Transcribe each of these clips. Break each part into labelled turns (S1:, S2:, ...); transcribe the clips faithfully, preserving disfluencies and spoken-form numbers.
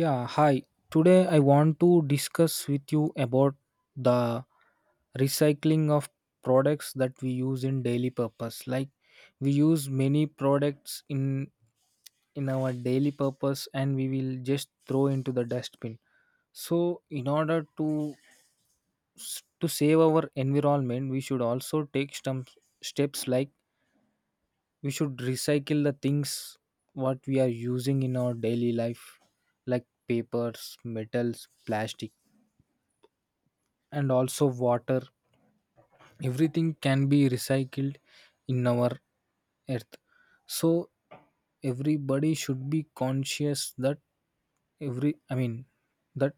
S1: Yeah, hi. Today I want to discuss with you about the recycling of products that we use in daily purpose. Like we use many products in in our daily purpose and we will just throw into the dustbin. So in order to s- to save our environment, we should also take some steps like we should recycle the things what we are using in our daily life, like papers, metals, plastic, and also water. Everything can be recycled in our earth. So everybody should be conscious that every I mean that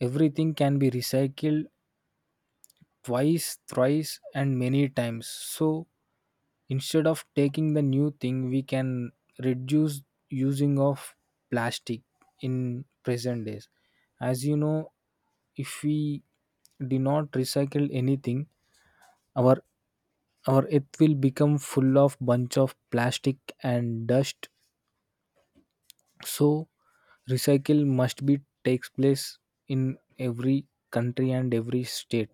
S1: everything can be recycled twice, thrice, and many times. So instead of taking the new thing, we can reduce using of plastic. In present days, as you know, if we do not recycle anything, our, or it will become full of bunch of plastic and dust. So recycle must be takes place in every country and every state.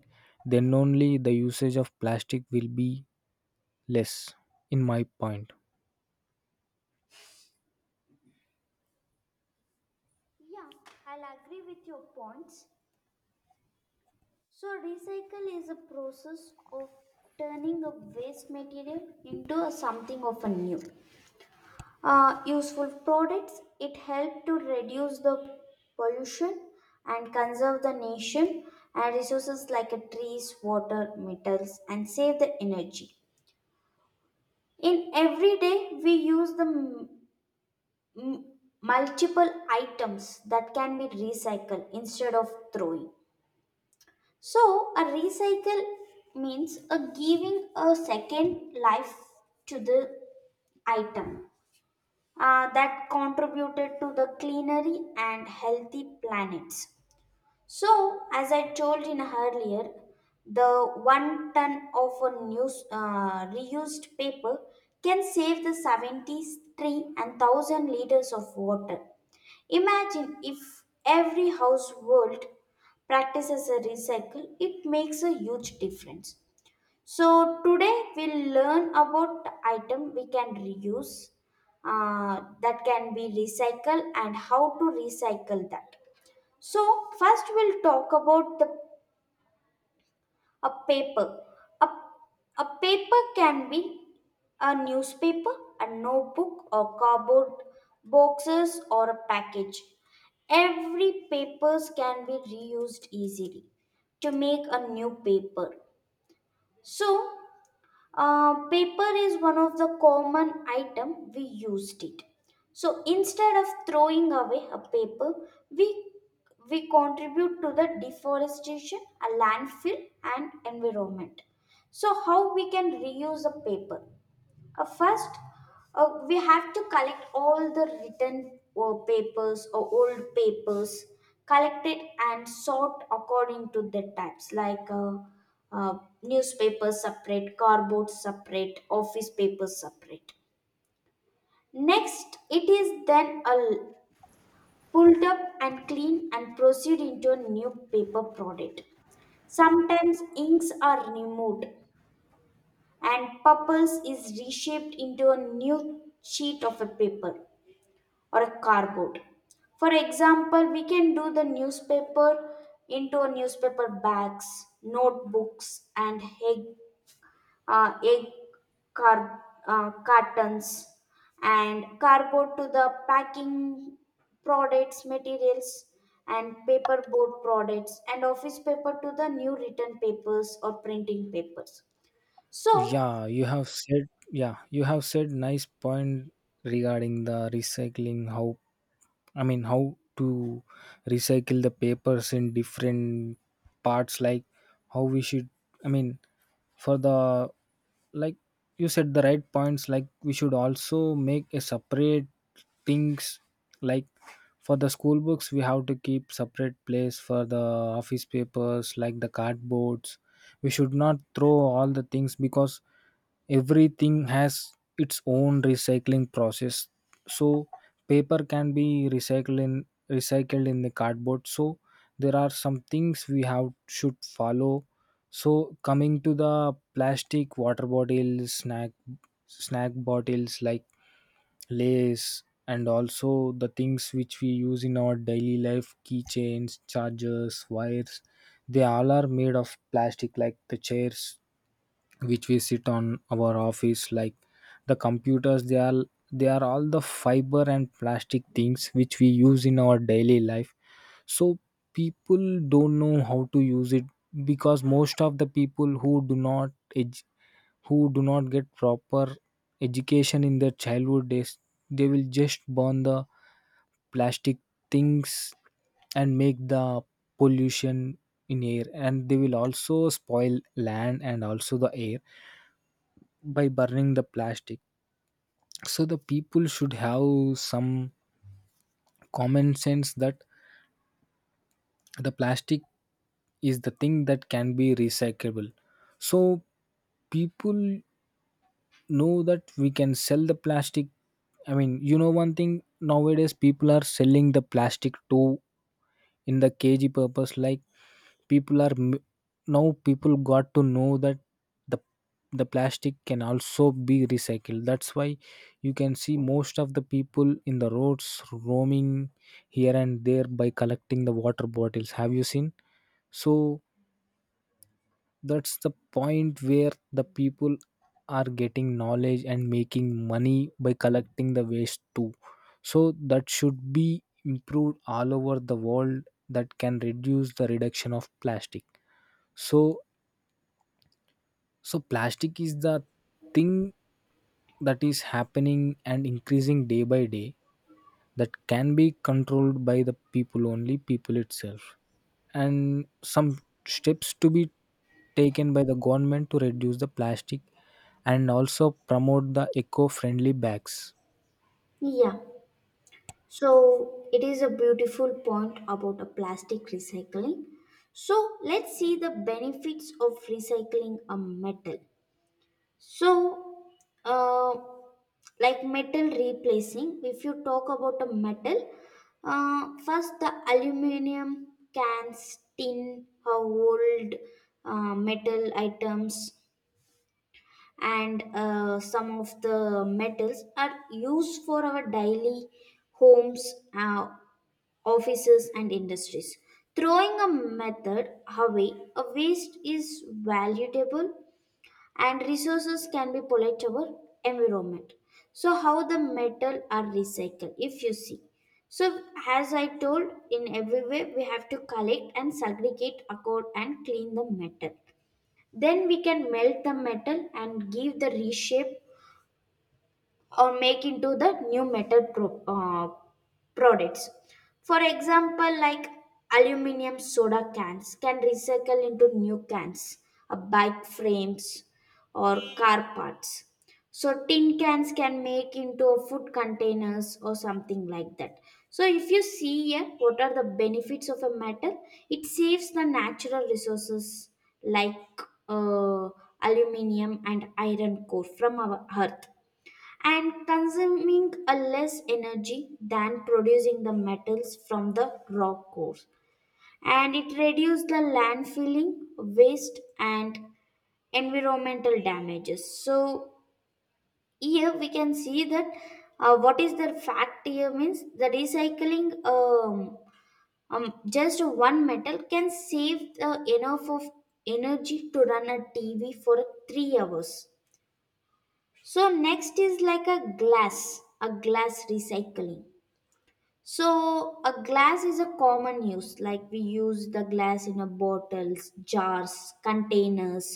S1: Then only the usage of plastic will be less, in my point.
S2: Yeah, I'll agree with your points. So, recycle is a process of turning a waste material into a something of a new uh, useful products. It helps to reduce the pollution and conserve the nation and resources like a trees, water, metals, and save the energy. In every day, we use the m- m- multiple items that can be recycled instead of throwing. So, a recycle means a giving a second life to the item uh, that contributed to the cleanery and healthy planets. So, as I told in earlier, the one ton of a new, uh, reused paper can save the seventy-three and one thousand liters of water. Imagine if every household practices a recycle, it makes a huge difference. So, today we'll learn about the item we can reuse, uh, that can be recycled, and how to recycle that. So, first we'll talk about the a paper. A, a paper can be a newspaper, a notebook, or cardboard boxes, or a package. Every papers can be reused easily to make a new paper. So, uh, paper is one of the common item we used it. So instead of throwing away a paper, we we contribute to the deforestation, a landfill, and environment. So how we can reuse a paper? Uh, first, uh, we have to collect all the written uh, papers or old papers, collect it and sort according to the types, like uh, uh, newspapers separate, cardboard separate, office papers separate. Next, it is then a pulled up and clean and proceed into a new paper product. Sometimes inks are removed and purpose is reshaped into a new sheet of a paper or a cardboard. For example, we can do the newspaper into a newspaper bags, notebooks, and egg, uh, egg car, uh, cartons, and cardboard to the packing products, materials, and paperboard products, and office paper to the new written papers or printing papers. So,
S1: Yeah, you have said, yeah, you have said nice point regarding the recycling, how i mean how to recycle the papers in different parts. Like how we should, i mean for the, like you said the right points, like we should also make a separate things, like for the school books we have to keep separate place for the office papers like the cardboards. We should not throw all the things because everything has its own recycling process. So paper can be recycled in recycled in the cardboard. So there are some things we have should follow. So coming to the plastic water bottles, snack snack bottles like lace, and also the things which we use in our daily life: keychains, chargers, wires, they all are made of plastic. Like the chairs which we sit on our office, like the computers, they are they are all the fiber and plastic things which we use in our daily life. So people don't know how to use it because most of the people who do not edu- who do not get proper education in their childhood days, they will just burn the plastic things and make the pollution in air, and they will also spoil land and also the air by burning the plastic. So the people should have some common sense that the plastic is the thing that can be recyclable. So people know that we can sell the plastic. I mean, you know one thing, nowadays people are selling the plastic to, in the kg purpose. Like people are m- now people got to know that the the plastic can also be recycled. That's why you can see most of the people in the roads roaming here and there by collecting the water bottles. Have you seen? So that's the point where the people are getting knowledge and making money by collecting the waste too. So that should be improved all over the world. That can reduce the reduction of plastic. So, so plastic is the thing that is happening and increasing day by day, that can be controlled by the people, only people itself. And some steps to be taken by the government to reduce the plastic and also promote the eco-friendly bags.
S2: yeah. So it is a beautiful point about a plastic recycling. So let's see the benefits of recycling a metal. So, uh, like metal replacing, if you talk about a metal, uh, first the aluminum cans, tin, uh, old uh, metal items, and uh, some of the metals are used for our daily homes, uh, offices, and industries. Throwing a method away, a waste is valuable and resources can be polluted our environment. So how the metal are recycled if you see. So as I told, in every way we have to collect and segregate accord and clean the metal. Then we can melt the metal and give the reshape or make into the new metal pro- uh, products. For example, like aluminum soda cans can recycle into new cans, uh, bike frames or car parts. So tin cans can make into food containers or something like that. So if you see here what are the benefits of a metal, it saves the natural resources, like uh, aluminum and iron core from our earth, and consuming a less energy than producing the metals from the raw cores, and it reduces the landfilling waste and environmental damages. So here we can see that uh, what is the fact here means the recycling um, um, just one metal can save the enough of energy to run a tv for three hours. So next is like a glass a glass recycling. So, a glass is a common use, like we use the glass in a bottles, jars, containers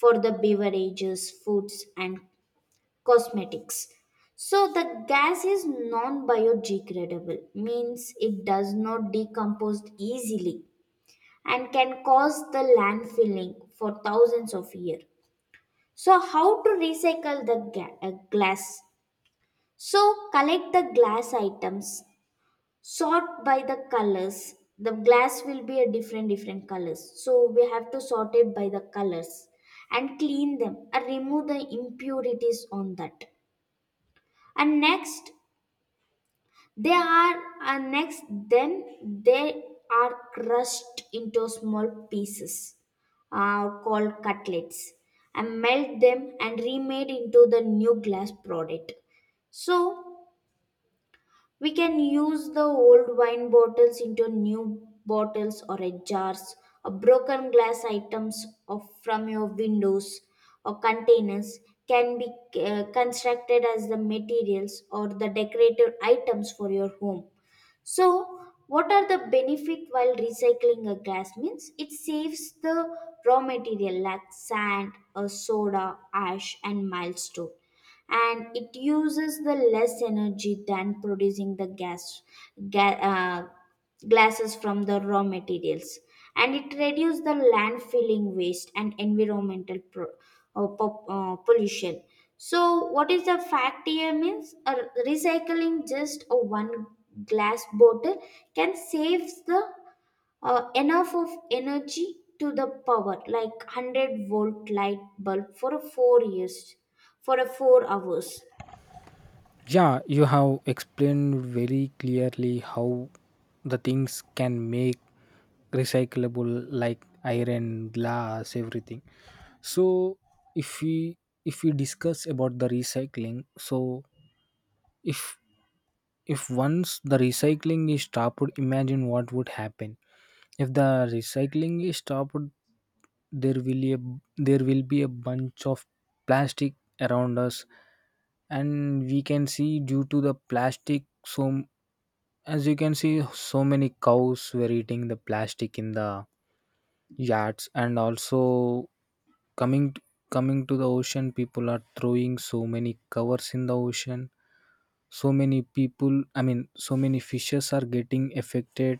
S2: for the beverages, foods, and cosmetics. So, the gas is non biodegradable, means it does not decompose easily and can cause the landfilling for thousands of years. So, how to recycle the ga- uh, glass? So, collect the glass items, sort by the colors. The glass will be a different different colors, so we have to sort it by the colors and clean them and remove the impurities on that. And next they are and next then they are crushed into small pieces, uh, called cutlets, and melt them and remade into the new glass product. So we can use the old wine bottles into new bottles or a jars, or broken glass items of from your windows or containers can be uh, constructed as the materials or the decorative items for your home. So, what are the benefit while recycling a glass means? It saves the raw material like sand, uh, soda, ash, and milestone. And it uses the less energy than producing the gas, ga- uh, glasses from the raw materials, and it reduces the landfilling waste and environmental pro- uh, po- uh, pollution. So what is the fact here means uh, recycling just a one glass bottle can save the uh, enough of energy to the power like one hundred volt light bulb for a four years for a four hours.
S1: Yeah, you have explained very clearly how the things can make recyclable, like iron, glass, everything. So if we, if we discuss about the recycling, so if If once the recycling is stopped, imagine what would happen. If the recycling is stopped, there will a, there will be a bunch of plastic around us, and we can see due to the plastic. So as you can see, so many cows were eating the plastic in the yards, and also coming coming to the ocean, people are throwing so many covers in the ocean. So many people, i mean so many fishes are getting affected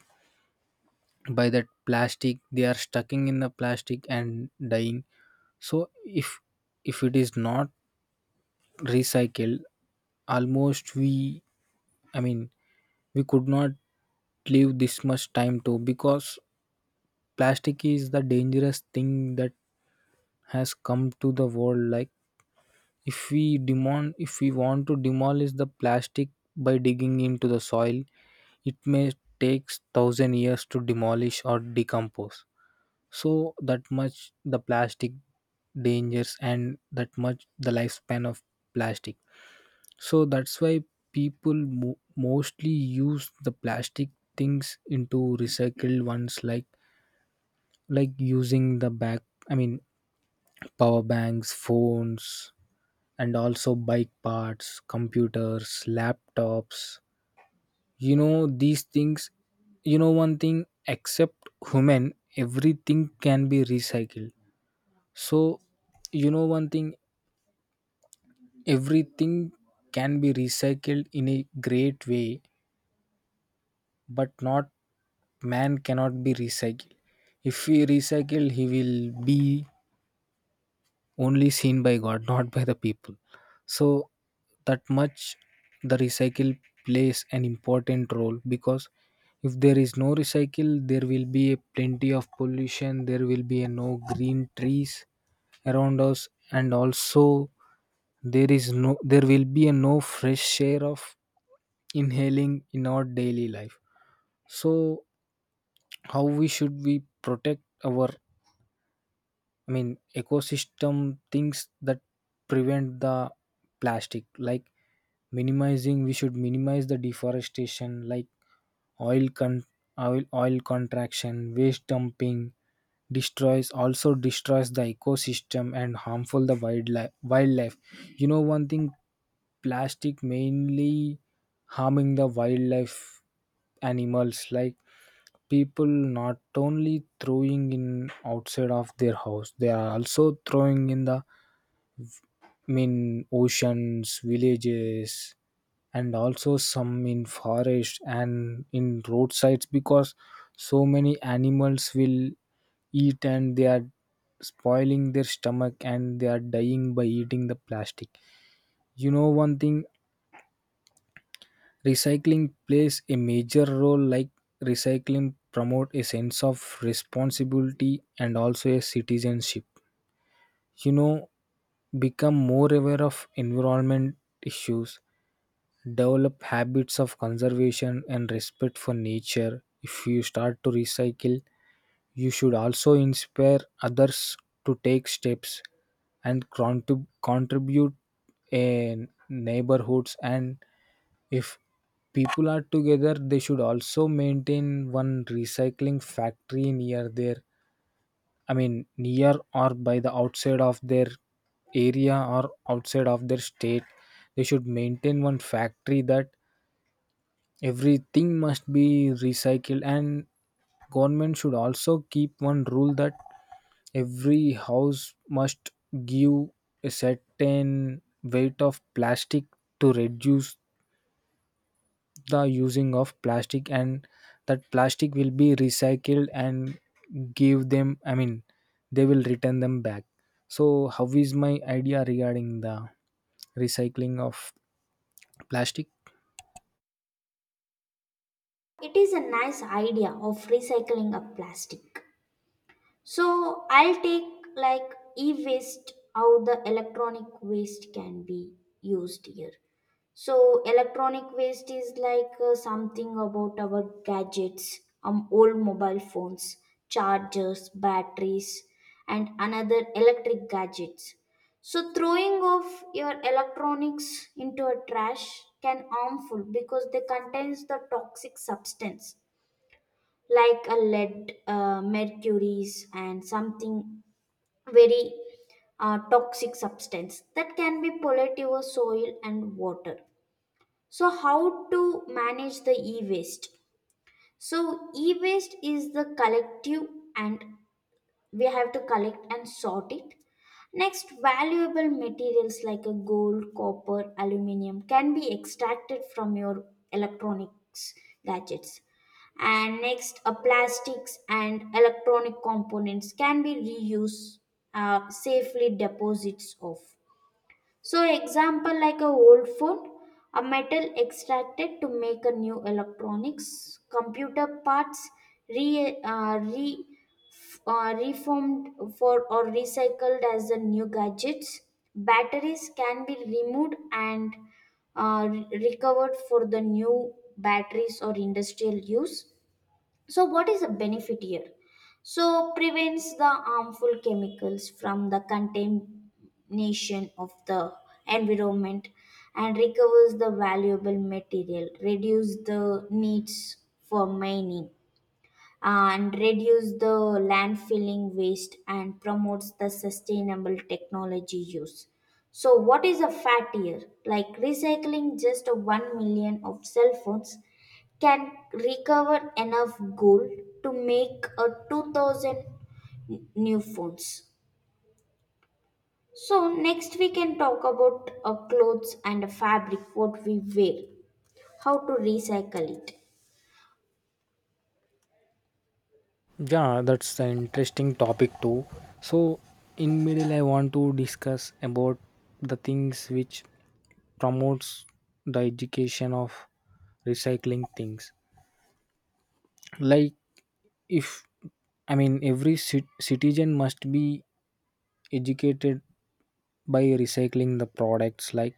S1: by that plastic. They are stucking in the plastic and dying. So if if it is not recycled, almost we, i mean we could not live this much time too, because plastic is the dangerous thing that has come to the world. Like if we demand, if we want to demolish the plastic by digging into the soil, it may take thousand years to demolish or decompose. So that much the plastic dangers, and that much the lifespan of plastic. So that's why people mo- mostly use the plastic things into recycled ones, like like using the back, i mean power banks, phones, and also bike parts, computers, laptops, you know, these things. You know one thing, except human, everything can be recycled. So you know one thing, everything can be recycled in a great way, but not, man cannot be recycled. If we recycle, he will be only seen by God, not by the people. So that much the recycle plays an important role, because if there is no recycle, there will be a plenty of pollution, there will be a no green trees around us, and also there is no, there will be a no fresh air of inhaling in our daily life. So how we should we protect our, I mean, ecosystem things that prevent the plastic, like minimizing. We should minimize the deforestation, like oil con, oil oil contraction, waste dumping destroys, also destroys the ecosystem and harmful the wildlife wildlife You know one thing, plastic mainly harming the wildlife animals. Like people not only throwing in outside of their house, they are also throwing in the, I mean, oceans, villages, and also some in forest and in roadsides. Because so many animals will eat and they are spoiling their stomach, and they are dying by eating the plastic. You know one thing, recycling plays a major role. Like recycling promote a sense of responsibility and also a citizenship. You know, become more aware of environment issues, develop habits of conservation and respect for nature. If you start to recycle, you should also inspire others to take steps and contrib- contribute in neighborhoods. And if people are together, they should also maintain one recycling factory near their, i mean near or by the outside of their area or outside of their state. They should maintain one factory that everything must be recycled. And government should also keep one rule that every house must give a certain weight of plastic to reduce the using of plastic, and that plastic will be recycled and give them, i mean they will return them back. So how is my idea regarding the recycling of plastic?
S2: It is a nice idea of recycling a plastic. So I'll take like e-waste, how the electronic waste can be used here. So electronic waste is like uh, something about our gadgets, um, old mobile phones, chargers, batteries, and another electric gadgets. So throwing off your electronics into a trash can harmful because they contains the toxic substance like a lead, uh, mercuries, and something very uh, toxic substance that can be pollute your soil and water. So, how to manage the e waste? So, e waste is the collective, and we have to collect and sort it. Next, valuable materials like a gold, copper, aluminium can be extracted from your electronics gadgets. And next, uh, plastics and electronic components can be reused, uh, safely deposits of. So, example like a old phone, a metal extracted to make a new electronics, computer parts re, uh, re uh, reformed for or recycled as the new gadgets. Batteries can be removed and uh, re- recovered for the new batteries or industrial use. So what is the benefit here? So prevents the harmful chemicals from the contamination of the environment, and recovers the valuable material, reduce the needs for mining, and reduce the landfilling waste and promotes the sustainable technology use. So, what is a fat year? Like recycling just 1 million of cell phones can recover enough gold to make a two thousand n- new phones. So, next we can talk about uh, clothes and fabric, what we wear, how to recycle it.
S1: Yeah, that's an interesting topic too. So in middle, I want to discuss about the things which promotes the education of recycling things. Like if, i mean every cit- citizen must be educated by recycling the products. Like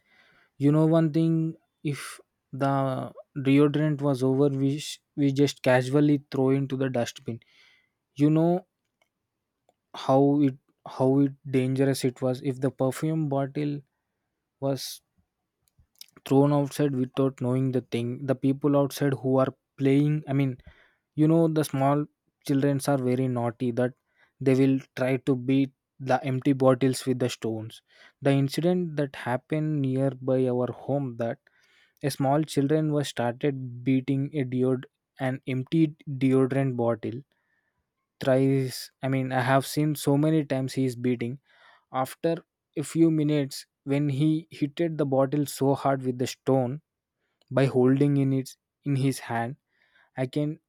S1: you know one thing, if the deodorant was over, we sh- we just casually throw into the dustbin. You know how it, how it dangerous it was if the perfume bottle was thrown outside without knowing the thing, the people outside who are playing, i mean you know, the small childrens are very naughty that they will try to beat the empty bottles with the stones. The incident that happened nearby our home, that a small children was started beating a deod an empty deodorant bottle thrice. I mean, I have seen so many times he is beating. After a few minutes, when he hitted the bottle so hard with the stone by holding in it in his hand, I can,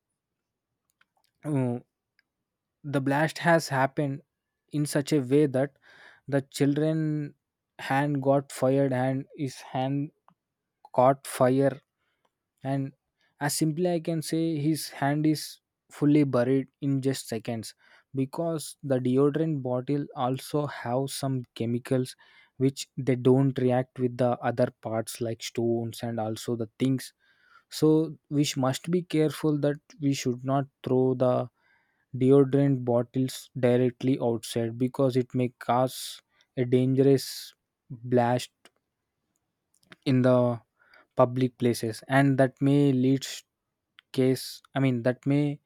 S1: uh, the blast has happened in such a way that the children hand got fired and his hand caught fire. And as simply I can say, his hand is fully buried in just seconds, because the deodorant bottle also have some chemicals which they don't react with the other parts like stones and also the things. So we sh- must be careful that we should not throw the deodorant bottles directly outside, because it may cause a dangerous blast in the public places, and that may leads case, i mean that may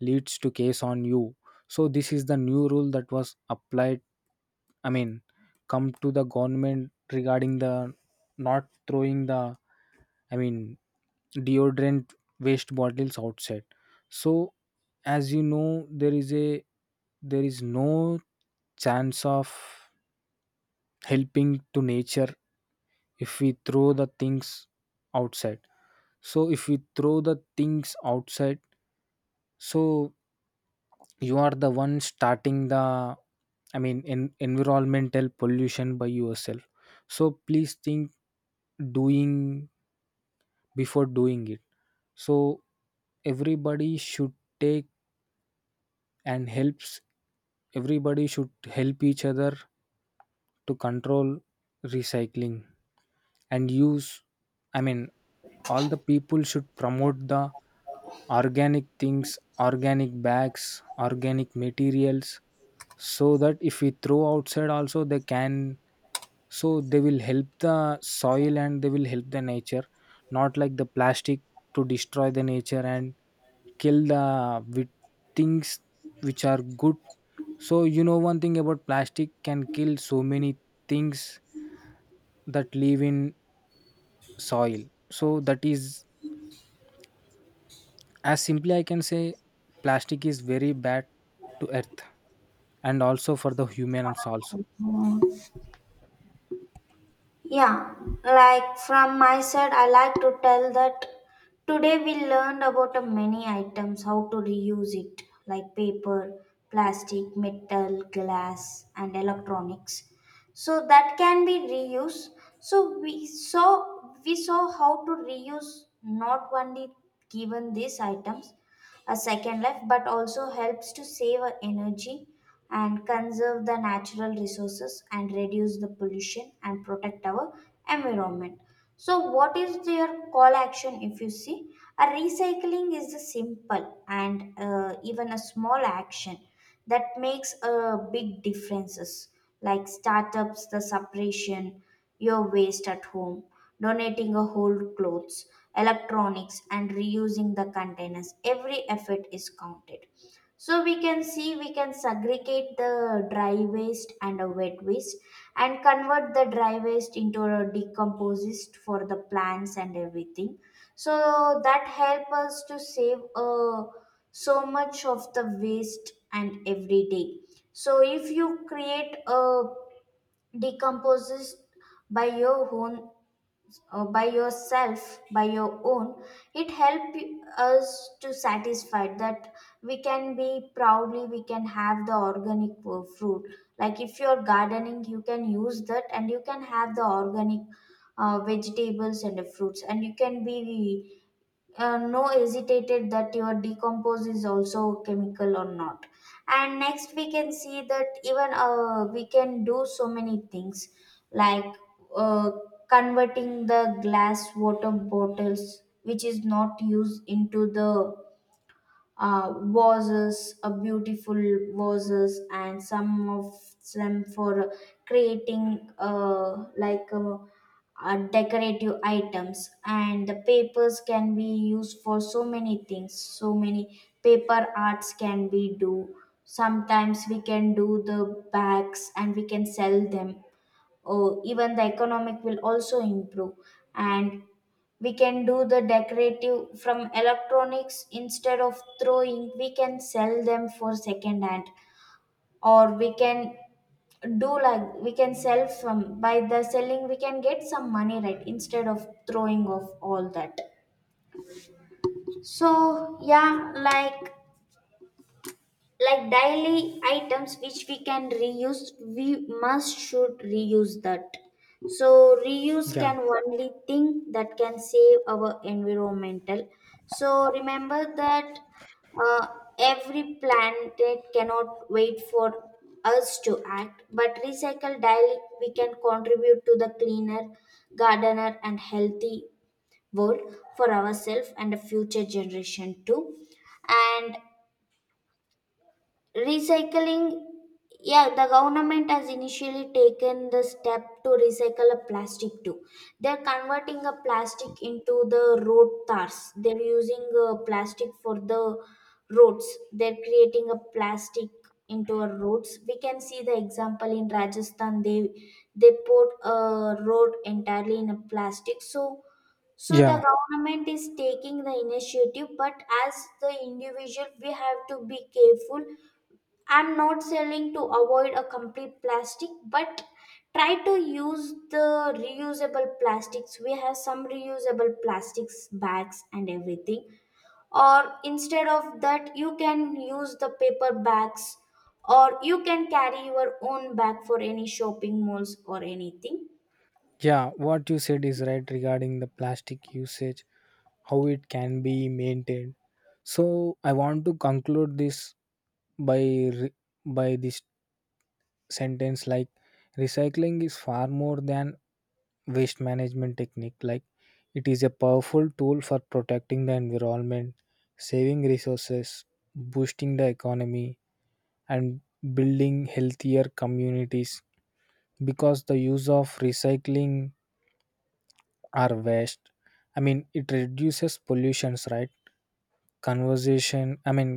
S1: leads to case on you. So this is the new rule that was applied, i mean come to the government regarding the not throwing the, I mean, deodorant waste bottles outside. So as you know, there is a, there is no chance of helping to nature if we throw the things outside. So if we throw the things outside, so you are the one starting the, I mean, en- environmental pollution by yourself. So, please think doing before doing it, so everybody should take and helps. Everybody should help each other to control recycling and use. I mean, all the people should promote the organic things, organic bags, organic materials, so that if we throw outside also they can, so they will help the soil and they will help the nature, not like the plastic, to destroy the nature and kill the with things which are good. So you know one thing, about plastic can kill so many things that live in soil. So that is, as simply I can say, plastic is very bad to earth, and also for the humans also.
S2: Uh, Yeah, like from my side, I like to tell that today we learned about a many items how to reuse it, like paper, plastic, metal, glass, and electronics. So that can be reused. So we saw we saw how to reuse, not only given these items a second life, but also helps to save our energy and conserve the natural resources and reduce the pollution and protect our environment. So, what is their call action if you see? A recycling is a simple and uh, even a small action that makes a big differences, like startups the separation your waste at home, donating a whole clothes, electronics, and reusing the containers. Every effort is counted. So we can see we can segregate the dry waste and a wet waste and convert the dry waste into a decomposed for the plants and everything. So that help us to save uh, so much of the waste and every day. So if you create a decomposes by your own, uh, by yourself by your own, it helps us to satisfy that we can be proudly, we can have the organic uh, fruit, like if you're gardening you can use that and you can have the organic uh, vegetables and the fruits, and you can be uh, no hesitated that your decompose is also chemical or not. And next we can see that even uh, we can do so many things, like uh, converting the glass water bottles which is not used into the uh, vases, uh, beautiful vases, and some of them for creating uh, like uh, uh, decorative items. And the papers can be used for so many things. So many paper arts can be do. Sometimes we can do the bags and we can sell them, oh, even the economic will also improve. And we can do the decorative from electronics, instead of throwing we can sell them for second hand, or we can do like we can sell from, by the selling we can get some money, right, instead of throwing off all that. So yeah, like like daily items which we can reuse, we must should reuse that. So reuse
S1: Yeah.
S2: can only thing that can save our environmental. So remember that, uh, every planet cannot wait for us to act, but recycle daily we can contribute to the cleaner gardener and healthy world for ourselves and the future generation too. And recycling, yeah, the government has initially taken the step to recycle a plastic too. They're converting a plastic into the road tars, they're using uh, plastic for the roads, they're creating a plastic into our roads. We can see the example in Rajasthan. They they put a road entirely in a plastic. So so the
S1: Yeah.
S2: government is taking the initiative, but as the individual we have to be careful. I'm not selling to avoid a complete plastic, but try to use the reusable plastics. We have some reusable plastics bags and everything. Or instead of that, you can use the paper bags, or you can carry your own bag for any shopping malls or anything.
S1: Yeah, what you said is right regarding the plastic usage, how it can be maintained. So I want to conclude this by re- by this sentence, like recycling is far more than waste management technique. Like, it is a powerful tool for protecting the environment, saving resources, boosting the economy, and building healthier communities, because the use of recycling are waste. I mean, it reduces pollutions, right. Conversation, I mean,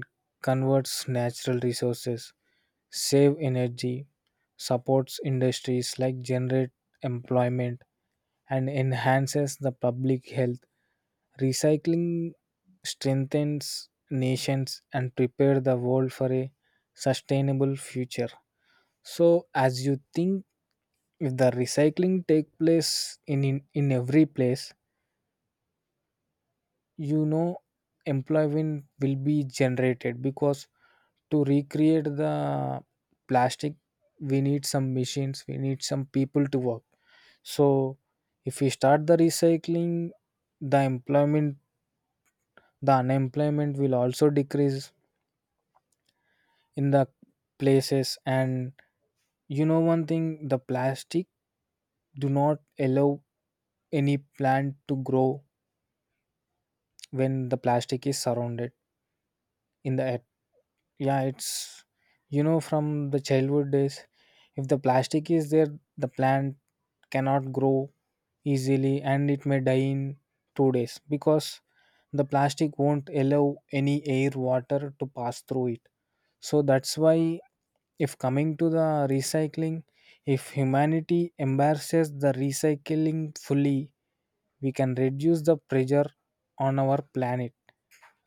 S1: converts natural resources, save energy, supports industries like generate employment, and enhances the public health. Recycling strengthens nations and prepare the world for a sustainable future. So, as you think, if the recycling take place in in, in every place, you know, employment will be generated, because to recreate the plastic, we need some machines, we need some people to work. So if we start the recycling, the employment, the unemployment will also decrease in the places. And you know one thing, the plastic do not allow any plant to grow when the plastic is surrounded in the earth. Yeah, it's, you know from the childhood days, if the plastic is there, the plant cannot grow easily, and it may die in two days, because the plastic won't allow any air water to pass through it. So that's why, if coming to the recycling, if humanity embraces the recycling fully, we can reduce the pressure on our planet,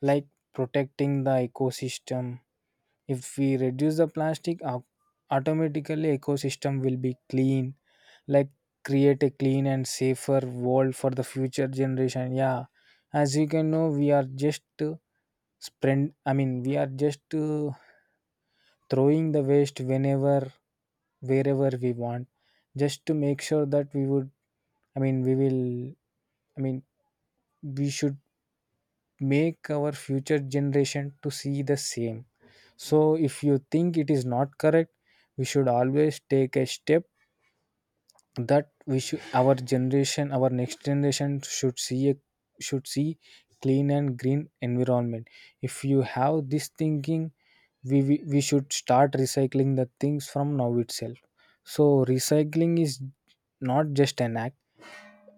S1: like protecting the ecosystem. If we reduce the plastic, au- automatically ecosystem will be clean, like create a clean and safer world for the future generation. Yeah, as you can know, we are just uh, spread. I mean, we are just uh, throwing the waste whenever, wherever we want, just to make sure that we would. I mean, we will. I mean, we should make our future generation to see the same. So if you think it is not correct, we should always take a step, that we should, our generation, our next generation should see a, should see clean and green environment. If you have this thinking, we, we we should start recycling the things from now itself. So recycling is not just an act,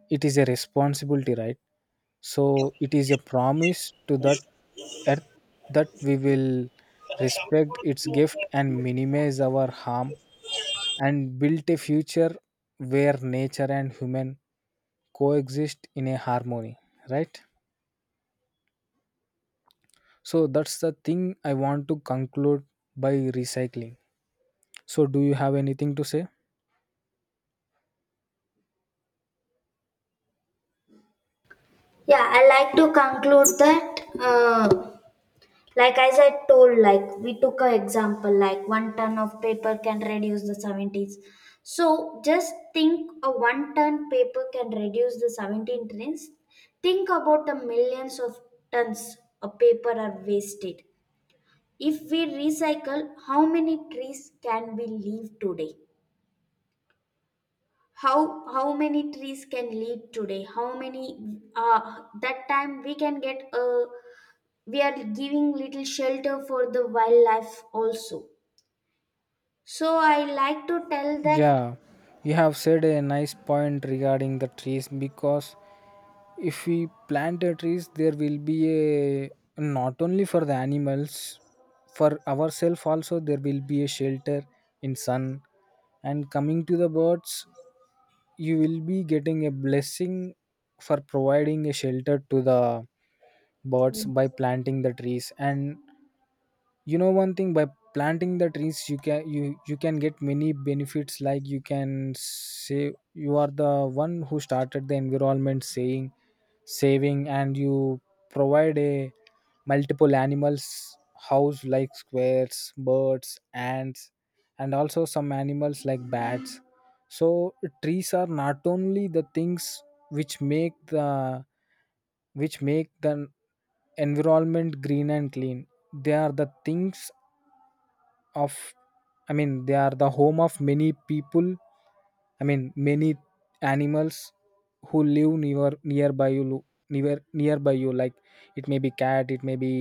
S1: it is a responsibility, right. So it is a promise to that earth, that we will respect its gift and minimize our harm, and build a future where nature and human coexist in a harmony, right. So that's the thing I want to conclude by recycling. So do you have anything to say?
S2: Yeah, I like to conclude that. Uh, Like as I told, like we took a example, like one ton of paper can reduce the seventies. So just think a one ton paper can reduce the seventeen tons. Think about the millions of tons of paper are wasted. If we recycle, how many trees can we leave today? how how many trees can leave today, how many uh, that time we can get a, we are giving little shelter for the wildlife also. So I like to tell that
S1: Yeah, you have said a nice point regarding the trees, because if we plant a trees, there will be a, not only for the animals, for ourselves also there will be a shelter in sun. And coming to the birds, you will be getting a blessing for providing a shelter to the birds by planting the trees. And you know one thing, by planting the trees you can, you you can get many benefits, like you can say you are the one who started the environment saying, saving, and you provide a multiple animals house like squares, birds, ants, and also some animals like bats. So trees are not only the things which make the, which make the environment green and clean. They are the things of, I mean, they are the home of many people, I mean many animals, who live near, nearby you lo- near, nearby you, like it may be cat, it may be,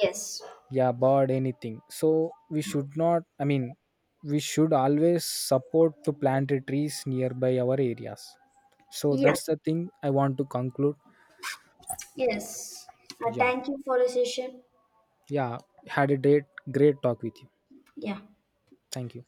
S2: yes.
S1: yeah, about anything. So we should not, I mean, we should always support to plant the trees nearby our areas. So
S2: Yeah.
S1: that's the thing I want to conclude.
S2: Yes. Uh,
S1: Yeah.
S2: thank you for the session.
S1: Yeah, had a great great talk with you.
S2: Yeah.
S1: Thank you.